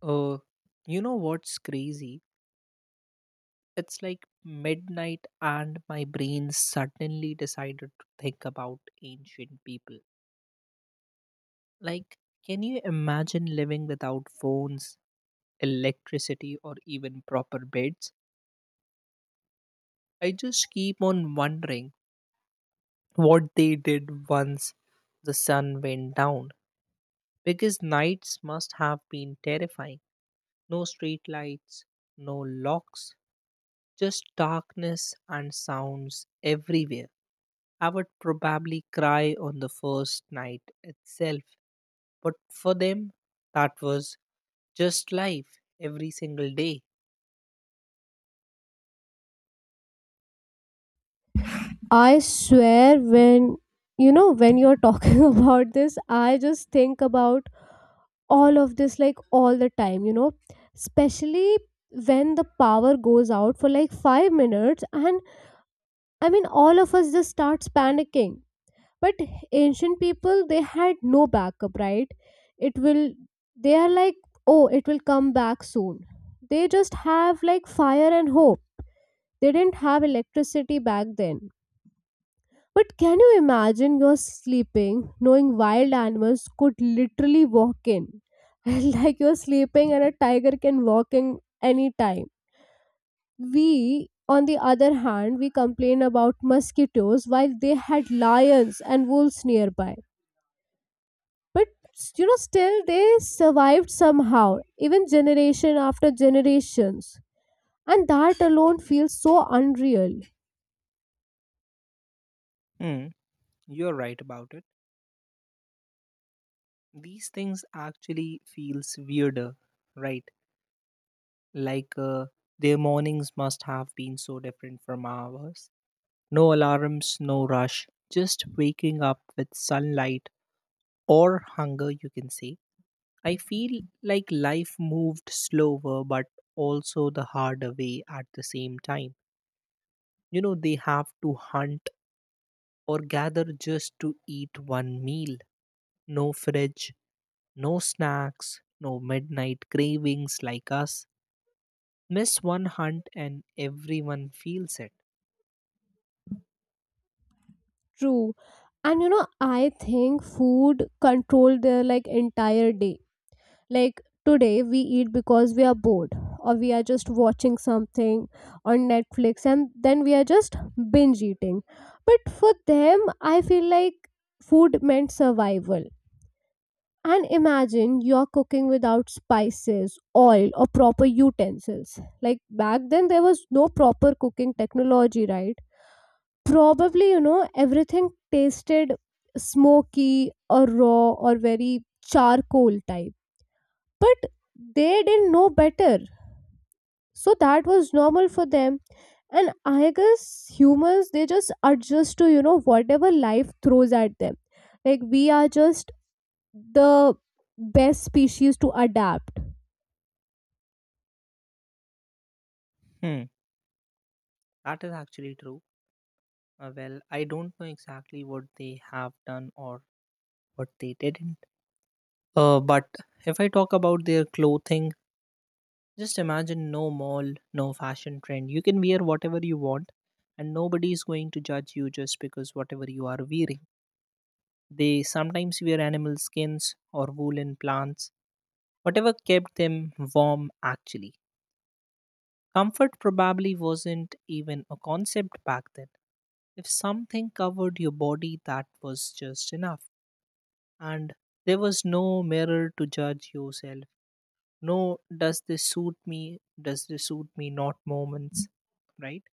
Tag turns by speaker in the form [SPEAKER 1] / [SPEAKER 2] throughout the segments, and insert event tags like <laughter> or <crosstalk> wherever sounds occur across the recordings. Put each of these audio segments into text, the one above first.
[SPEAKER 1] Uh, you know what's crazy? It's like midnight, and my brain suddenly decided to think about ancient people. Like, can you imagine living without phones, electricity, or even proper beds? I just keep on wondering what they did once the sun went down, because nights must have been terrifying. No street lights, no locks, just darkness and sounds everywhere. I would probably cry on the first night itself. But for them, that was just life every single day.
[SPEAKER 2] I swear when you know when you're talking <laughs> about this I just think about all of this like all the time, especially when the power goes out for like 5 minutes. And I mean all of us just starts panicking. But ancient people, they had no backup, right? it will They are like, oh, it will come back soon. They just have like fire and hope. They didn't have electricity back then. But can you imagine you're sleeping knowing wild animals could literally walk in? <laughs> Like you're sleeping and a tiger can walk in anytime. We, on the other hand, we complain about mosquitoes while they had lions and wolves nearby. But still they survived somehow, even generation after generations. And that alone feels so unreal.
[SPEAKER 1] Hmm, you're right about it. These things actually feels weirder, right? Like, their mornings must have been so different from ours. No alarms, no rush, just waking up with sunlight or hunger, you can say I feel like life moved slower, but also the harder way at the same time. You know, they have to hunt or gather just to eat one meal. No fridge, no snacks, no midnight cravings like us. Miss one hunt and everyone feels it.
[SPEAKER 2] True. And you know, I think food controlled their like entire day. Like today we eat because we are bored or we are just watching something on Netflix, and then we are just binge eating. But for them, I feel like food meant survival. And imagine you're cooking without spices, oil, or proper utensils. Like back then, there was no proper cooking technology, right? Probably, everything tasted smoky or raw or very charcoal type. But they didn't know better, so that was normal for them. And I guess humans, they just adjust to, whatever life throws at them. Like we are just the best species to adapt.
[SPEAKER 1] Hmm, that is actually true. Well, I don't know exactly what they have done or what they didn't. But if I talk about their clothing, just imagine no mall, no fashion trend. You can wear whatever you want, and nobody is going to judge you just because whatever you are wearing. They sometimes wear animal skins or woolen plants, whatever kept them warm actually. Comfort probably wasn't even a concept back then. If something covered your body, that was just enough. And there was no mirror to judge yourself. No, does this suit me? Does this suit me? Not moments, right?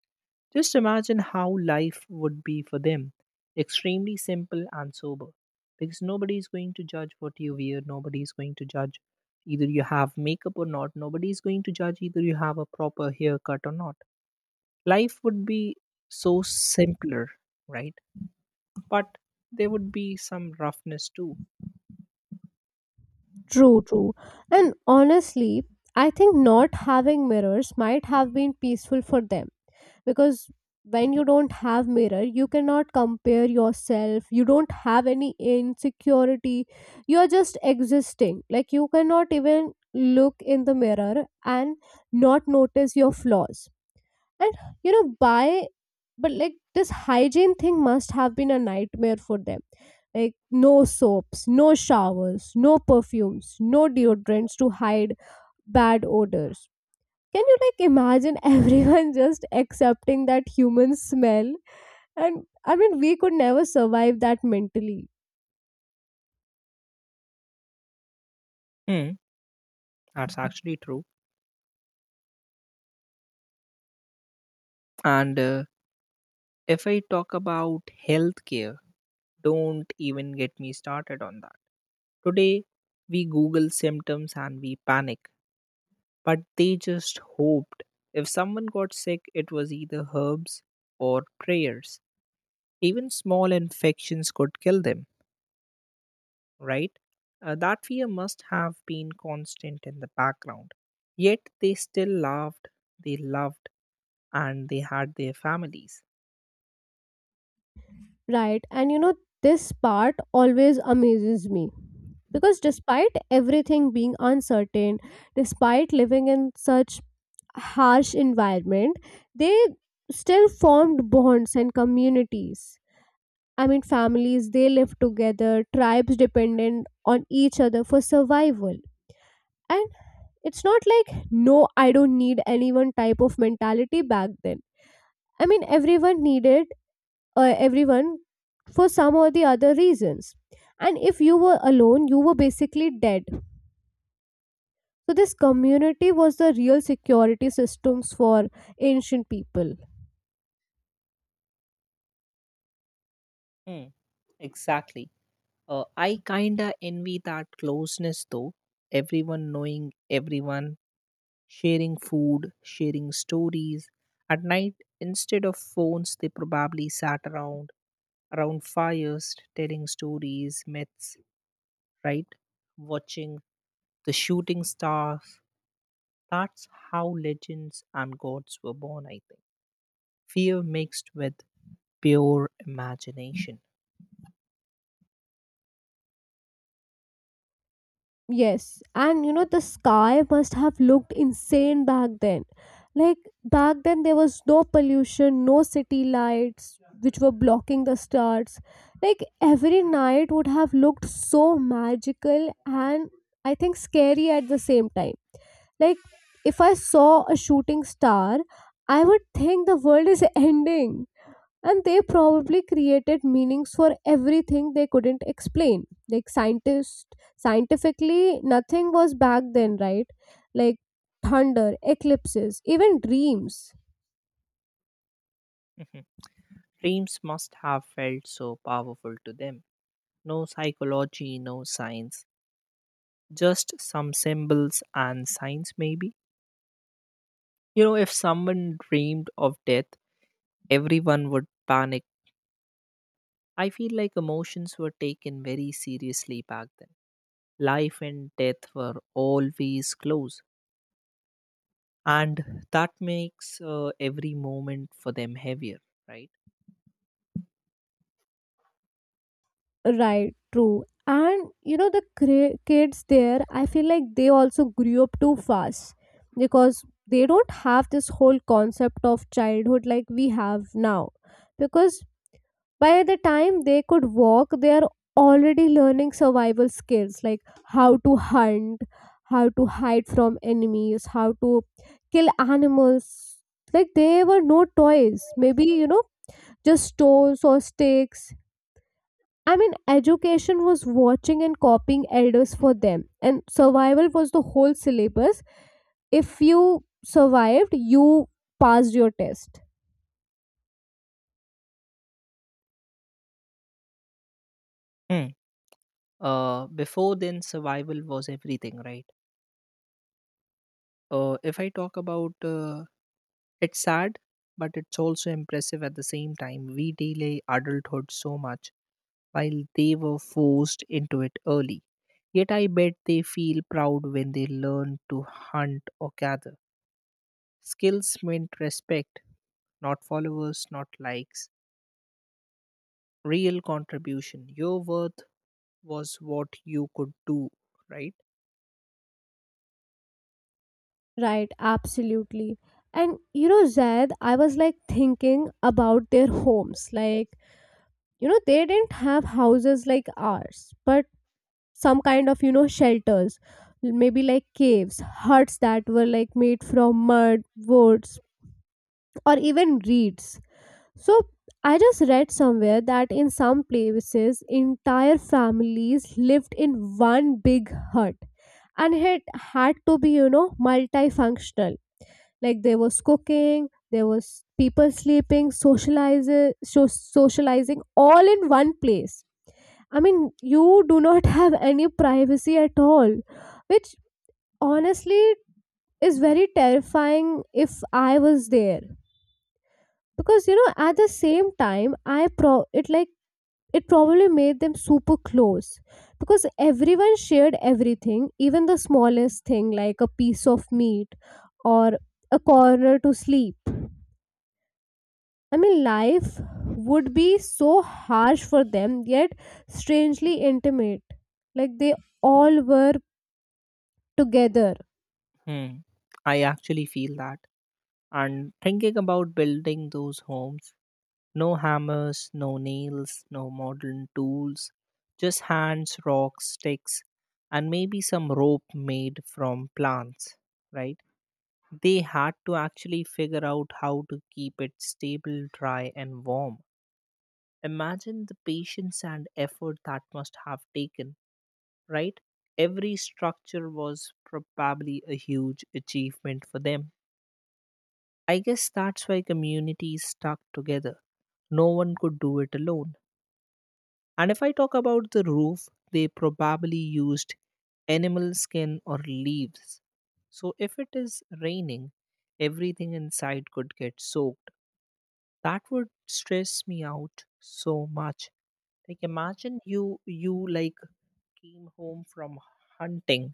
[SPEAKER 1] Just imagine how life would be for them, extremely simple and sober. Because nobody is going to judge what you wear, nobody is going to judge either you have makeup or not, nobody is going to judge either you have a proper haircut or not. Life would be so simpler, right? But there would be some roughness too.
[SPEAKER 2] True, true. And honestly, I think not having mirrors might have been peaceful for them. Because when you don't have mirror, you cannot compare yourself, you don't have any insecurity. You are just existing. Like you cannot even look in the mirror and not notice your flaws. And you know by But like this hygiene thing must have been a nightmare for them. Like no soaps, no showers, no perfumes, no deodorants to hide bad odors. Can you like imagine everyone <laughs> just accepting that human smell? And I mean, we could never survive that mentally,
[SPEAKER 1] Hmm, that's actually true. And if I talk about healthcare, don't even get me started on that. Today, we Google symptoms and we panic, but they just hoped. If someone got sick, it was either herbs or prayers. Even small infections could kill them, right? That fear must have been constant in the background. Yet they still laughed, they loved, and they had their families.
[SPEAKER 2] right? And you know, this part always amazes me. Because despite everything being uncertain, despite living in such harsh environment, they still formed bonds and communities. I mean, families, they lived together, tribes dependent on each other for survival. And. It's not like, no, I don't need anyone type of mentality back then. I mean, everyone needed everyone for some or the other reasons. And if you were alone, you were basically dead. So this community was the real security systems for ancient people.
[SPEAKER 1] Hmm. Exactly. I kinda envy that closeness though. Everyone knowing everyone, sharing food, sharing stories. At night, instead of phones, they probably sat around around fires, telling stories, myths, right? Watching the shooting stars. That's how legends and gods were born, I think. Fear mixed with pure imagination.
[SPEAKER 2] Yes, and you know the sky must have looked insane back then. Like back then there was no pollution, no city lights which were blocking the stars. Like every night would have looked so magical and, I think, scary at the same time. Like if I saw a shooting star, I would think the world is <laughs> ending. And they probably created meanings for everything they couldn't explain, like scientists. Scientifically nothing was back then, right? Like thunder, eclipses, even dreams.
[SPEAKER 1] Mhm. Dreams must have felt so powerful to them. No psychology, no science, just some symbols and signs, maybe. You know, if someone dreamed of death, everyone would panic. I feel like emotions were taken very seriously back then. Life and death were always close, and that makes every moment for them heavier, right?
[SPEAKER 2] Right, true. And you know, kids there, I feel like they also grew up too fast. Because they don't have this whole concept of childhood like we have now. Because by the time they could walk, they are already learning survival skills like how to hunt, how to hide from enemies, how to kill animals. Like they were no toys, maybe, just stones or sticks. I mean, education was watching and copying elders for them, and survival was the whole syllabus. If you survived, you passed your test.
[SPEAKER 1] Hmm. Before then, survival was everything, right? If I talk about, it's sad, but it's also impressive at the same time. We delay adulthood so much while they were forced into it early. Yet I bet they feel proud when they learn to hunt or gather. Skills meant respect, not followers, not likes. Real contribution. Your worth was what you could do, right?
[SPEAKER 2] Right, absolutely. And you know, Zaid, I was like thinking about their homes. Like, you know, they didn't have houses like ours, but some kind of, shelters, maybe like caves, huts that were like made from mud, woods, or even reeds. So I just read somewhere that in some places entire families lived in one big hut. And it had to be, multifunctional. Like there was cooking, there was people sleeping, socializing, socializing, all in one place. I mean, you do not <laughs> have any privacy at all, which honestly is very terrifying if I was there. Because you know, at the same time, I pro it like it probably made them super close, because everyone shared everything, even the smallest thing like a piece of meat or a corner to sleep. I mean, life would be so harsh for them, yet strangely intimate. Like they all were together.
[SPEAKER 1] Hmm. I actually feel that. And thinking about building those homes, no hammers, no nails, no modern tools, just hands, rocks, sticks, and maybe some rope made from plants, right? They had to actually figure out how to keep it stable, dry, and warm. Imagine the patience and effort that must have taken, right? Every structure was probably a huge achievement for them. I guess that's why communities stuck together. No one could do it alone. And if I talk about the roof, they probably used animal skin or leaves. So if it is raining, everything inside could get soaked. That would stress me out so much. Like imagine you like came home from hunting,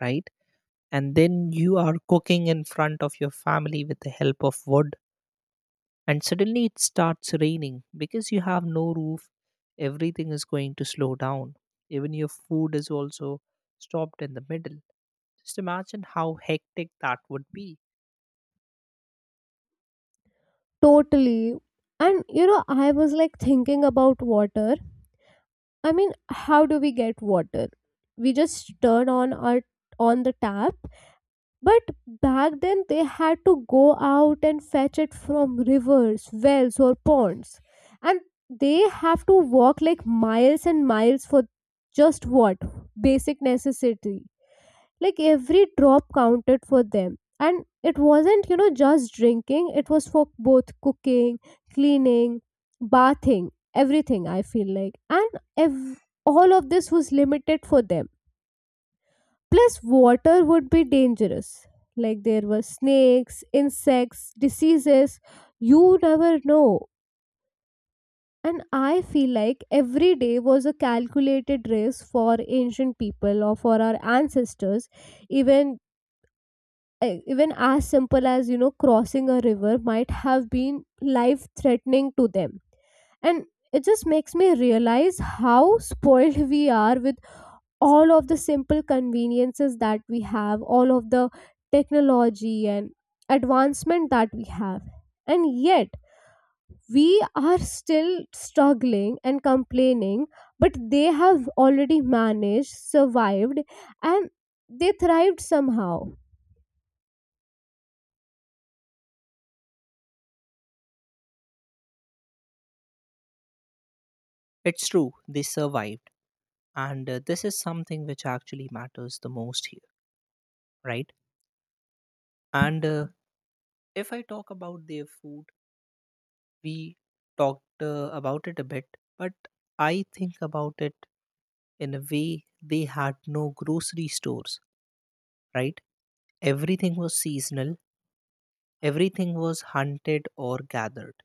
[SPEAKER 1] right? And then you are cooking in front of your family with the help of wood, and suddenly it starts raining because you have no roof, everything is going to slow down, even your food is also stopped in the middle. Just imagine how hectic that would be.
[SPEAKER 2] Totally. And you know, I was like thinking about water. I mean, how do we get water? We just turn on our on the tap. But back then they had to go out and fetch it from rivers, wells, or ponds. And they have to walk like miles and miles for just what, basic necessity. Like every drop counted for them, and it wasn't, just drinking. It was for both cooking, cleaning, bathing, everything, I feel like. And all of this was limited for them. Plus water would be dangerous. Like there were snakes, insects, diseases, you never know. And I feel like every day was a calculated risk for ancient people, or for our ancestors. Even even as simple as, crossing a river might have been life threatening to them. And it just makes me realize how spoiled we are with all of the simple conveniences that we have, all of the technology and advancement that we have, and yet we are still struggling and complaining. But they have already managed, survived, and they thrived somehow.
[SPEAKER 1] It's true, they survived. And this is something which actually matters the most here, right? And if I talk about their food, we talked about it a bit, but I think about it in a way, they had no grocery stores, right? Everything was seasonal. Everything was hunted or gathered.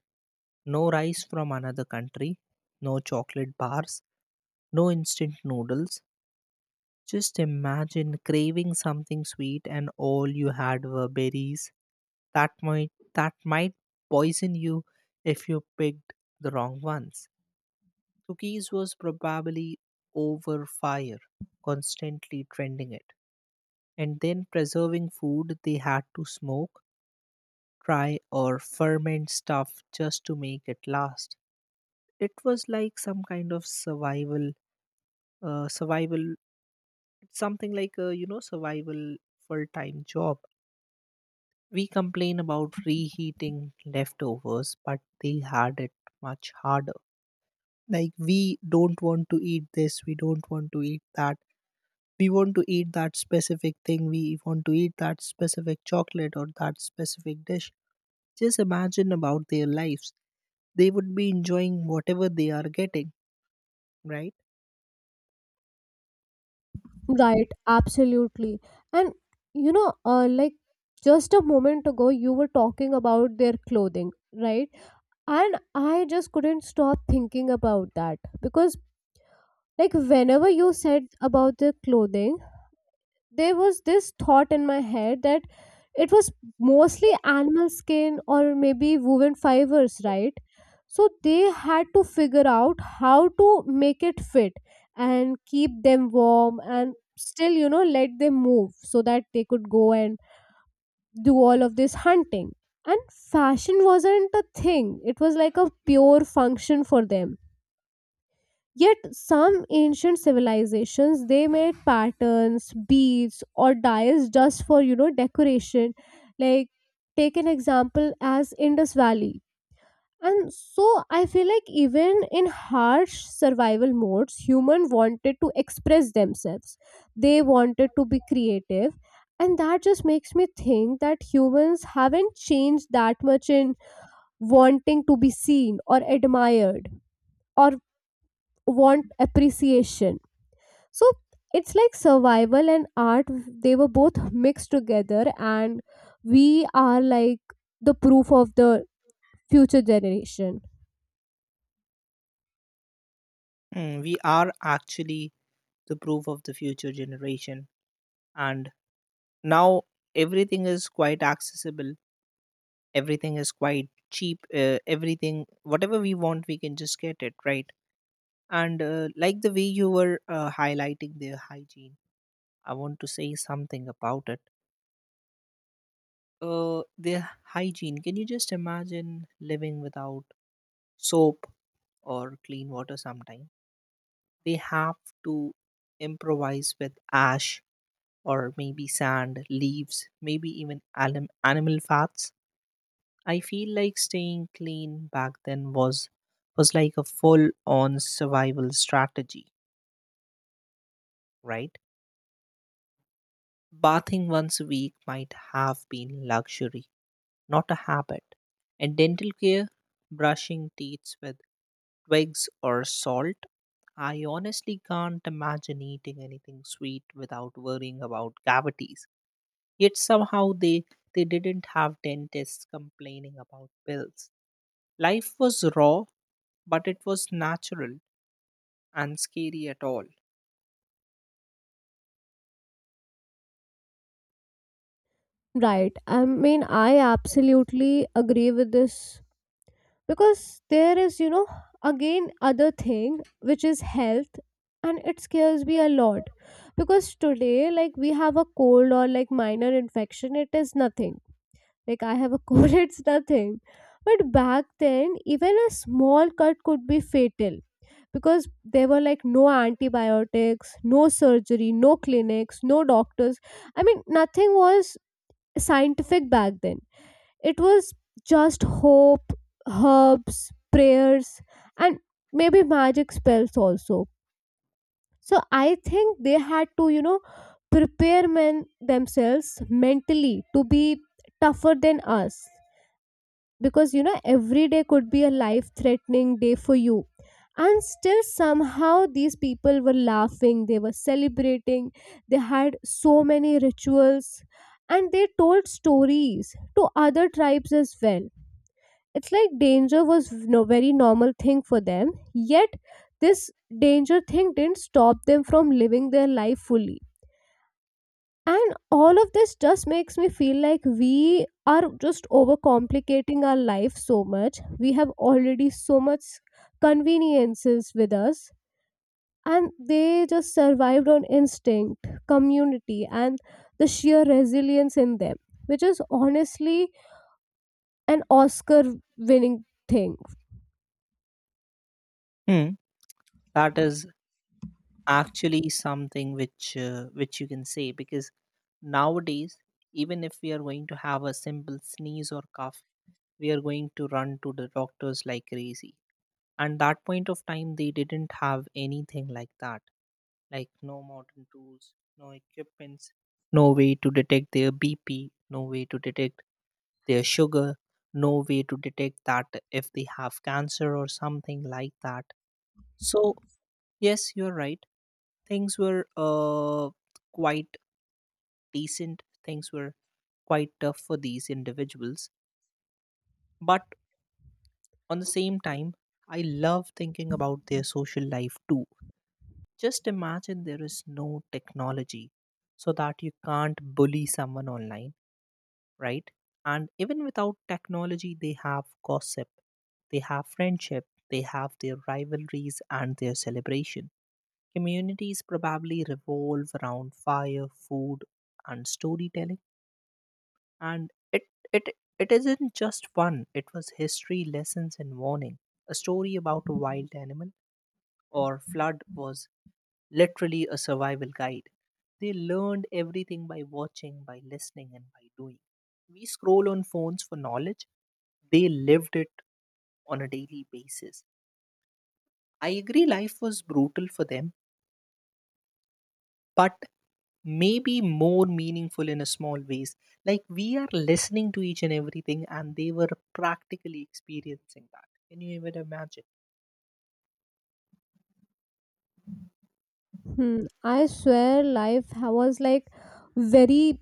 [SPEAKER 1] No rice from another country, no chocolate bars, no instant noodles. Just imagine craving something sweet and all you had were berries. That might poison you if you picked the wrong ones. Cookies was probably over fire, constantly trending it. And then preserving food, they had to smoke, try or ferment stuff just to make it last. It was like some kind of survival, survival, something like a you know survival full-time job. We complain about reheating leftovers, but they had it much harder. Like we don't want to eat this, we don't want to eat that. We want to eat that specific thing. We want to eat that specific chocolate or that specific dish. Just imagine about their lives. They would be enjoying whatever they are getting, right?
[SPEAKER 2] Right, absolutely. And you know, like just a moment ago, you were talking about their clothing, right? And I just couldn't stop thinking about that because, like, whenever you said about their clothing, there was this thought in my head that it was mostly animal skin or maybe woven fibers, right? So they had to figure out how to make it fit and keep them warm and still, you know, let them move so that they could go and do all of this hunting. And fashion wasn't a thing, it was like a pure function for them. Yet some ancient civilizations, they made patterns, beads, or dyes just for, decoration. Like take an example as Indus Valley. And so I feel like even in harsh survival modes, human wanted to express themselves. They wanted to be creative. And that just makes me think that humans haven't changed that much in wanting to be seen or admired or want appreciation. So it's like survival and art, they were both mixed together, and we are like the proof of the future generation.
[SPEAKER 1] Mm, we are actually the proof of the future generation. And now everything is quite accessible, everything is quite cheap, everything, whatever we want, we can just get it, right? And like the way you were highlighting their hygiene, I want to say something about it. Their hygiene, can you just imagine living without soap or clean water sometime? They have to improvise with ash or maybe sand, leaves, maybe even animal fats. I feel like staying clean back then was like a full on survival strategy, right? Bathing once a week might have been luxury, not a habit. And dental care, brushing teeth with twigs or salt. I honestly can't imagine eating anything sweet without worrying about cavities. Yet somehow they didn't have dentists complaining about bills. Life was raw, but it was natural and scary at all.
[SPEAKER 2] Right, I mean, I absolutely agree with this. Because there is, again, other thing which is health, and it scares me a lot. Because today like we have a cold or like minor infection, it is nothing. Like I have a cold, <laughs> it's nothing. But back then, even a small cut could be fatal, because there were like no antibiotics, no surgery, no clinics, no doctors. I mean, nothing was scientific back then. It was just hope, herbs, prayers, and maybe magic spells also. So I think they had to, you know, prepare men themselves mentally to be tougher than us. Because you know every day could be a life threatening day for you. And still somehow these people were laughing, they were celebrating, they had so many rituals, and they told stories to other tribes as well. It's like danger was no very normal thing for them. Yet this danger thing didn't stop them from living their life fully. And all of this just makes me feel like we are just overcomplicating our life so much. We have already so much conveniences with us, and they just survived on instinct, community, and the sheer resilience in them, which is honestly an Oscar winning thing.
[SPEAKER 1] Hmm. That is actually something which you can say because nowadays, even if we are going to have a simple sneeze or cough, we are going to run to the doctors like crazy. And that point of time, they didn't have anything like that. Like no modern tools, no equipments, no way to detect their BP, no way to detect their sugar, no way to detect that if they have cancer or something like that. So, yes, you're right. Things were quite decent, things were quite tough for these individuals. But on the same time, I love thinking about their social life too. Just imagine there is no technology so that you can't bully someone online, right? And even without technology, they have gossip, they have friendship, they have their rivalries and their celebration. Communities probably revolve around fire, food, and storytelling. And it, it isn't just fun, it was history, lessons, and warning. A story about a wild animal or flood was literally a survival guide. They learned everything by watching, by listening, and by doing. We scroll on phones for knowledge, they lived it on a daily basis. I agree, life was brutal for them, but maybe more meaningful in a small ways. Like we are listening to each and everything, and they were practically experiencing that. Can you even imagine?
[SPEAKER 2] Hmm, I swear life was like very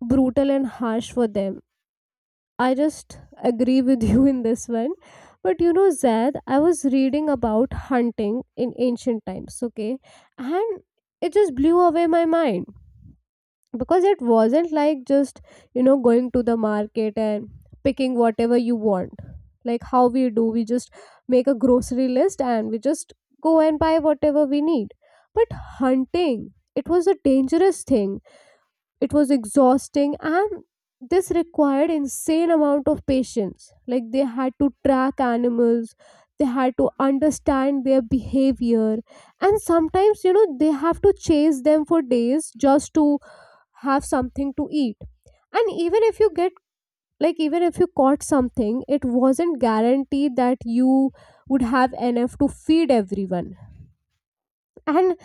[SPEAKER 2] brutal and harsh for them. I just agree with you in this one. But you know, Zaid, I was reading about hunting in ancient times, okay? And it just blew away my mind, because it wasn't like just, you know, going to the market and picking whatever you want. Like how we do, we just make a grocery list and we just go and buy whatever we need. But hunting, it was a dangerous thing. It was exhausting, and this required insane amount of patience. Like they had to track animals, they had to understand their behavior, and sometimes, you know, they have to chase them for days just to have something to eat. And even if you get like, even if you caught something, it wasn't guaranteed that you would have enough to feed everyone. And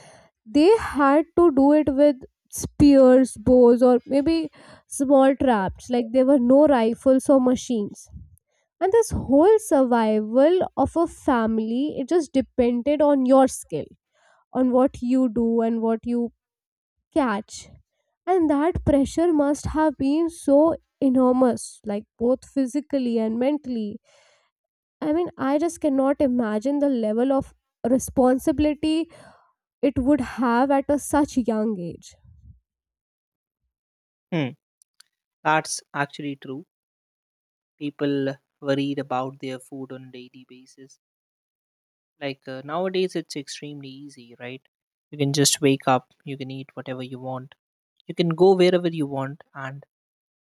[SPEAKER 2] they had to do it with spears, bows, or maybe small traps. Like there were no rifles or machines. And this whole survival of a family, it just depended on your skill, on what you do and what you catch. And that pressure must have been so enormous, like both physically and mentally. I mean, I just cannot imagine the level of responsibility it would have at a such young age.
[SPEAKER 1] Hmm, that's actually true. People worried about their food on a daily basis. Like, nowadays, it's extremely easy, right? You can just wake up, you can eat whatever you want, you can go wherever you want, and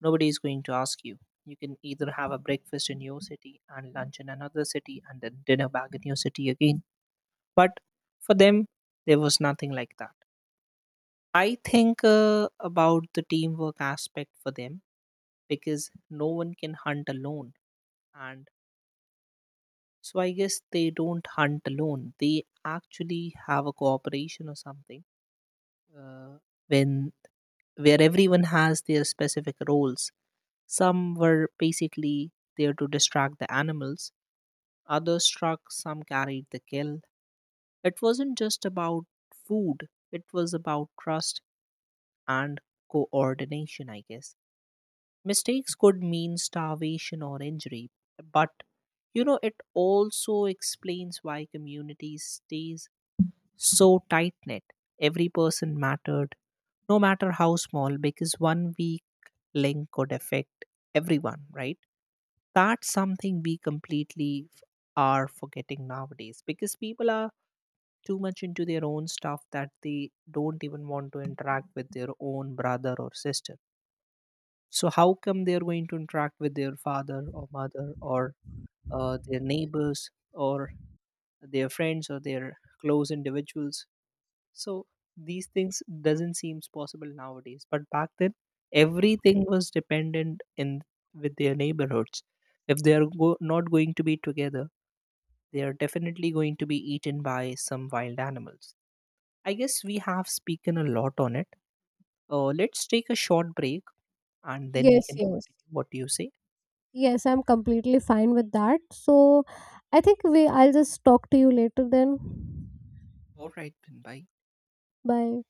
[SPEAKER 1] nobody is going to ask you. You can either have a breakfast in your city and lunch in another city and then dinner back in your city again. But for them, there was nothing like that. I think about the teamwork aspect for them because no one can hunt alone. And so I guess they don't hunt alone. They actually have a cooperation or something uh, when where everyone has their specific roles. Some were basically there to distract the animals, others struck, some carried the kill. It wasn't just about food, it was about trust and coordination, I guess. Mistakes could mean starvation or injury, but you know, it also explains why communities stays so tight knit. Every person mattered, no matter how small, because one weak link could affect everyone, right? That's something we completely are forgetting nowadays because people are too much into their own stuff that they don't even want to interact with their own brother or sister. So, how come they're going to interact with their father or mother or their neighbors or their friends or their close individuals? So these things doesn't seems possible nowadays, but back then everything was dependent in with their neighborhoods. If they are not going to be together, they are definitely going to be eaten by some wild animals. I guess we have spoken a lot on it. Let's take a short break and then we
[SPEAKER 2] Yes,
[SPEAKER 1] can
[SPEAKER 2] yes.
[SPEAKER 1] continue, what do you say?
[SPEAKER 2] Yes, I'm completely fine with that. So I think we I'll just talk to you later then.
[SPEAKER 1] All right then, bye.
[SPEAKER 2] Bye.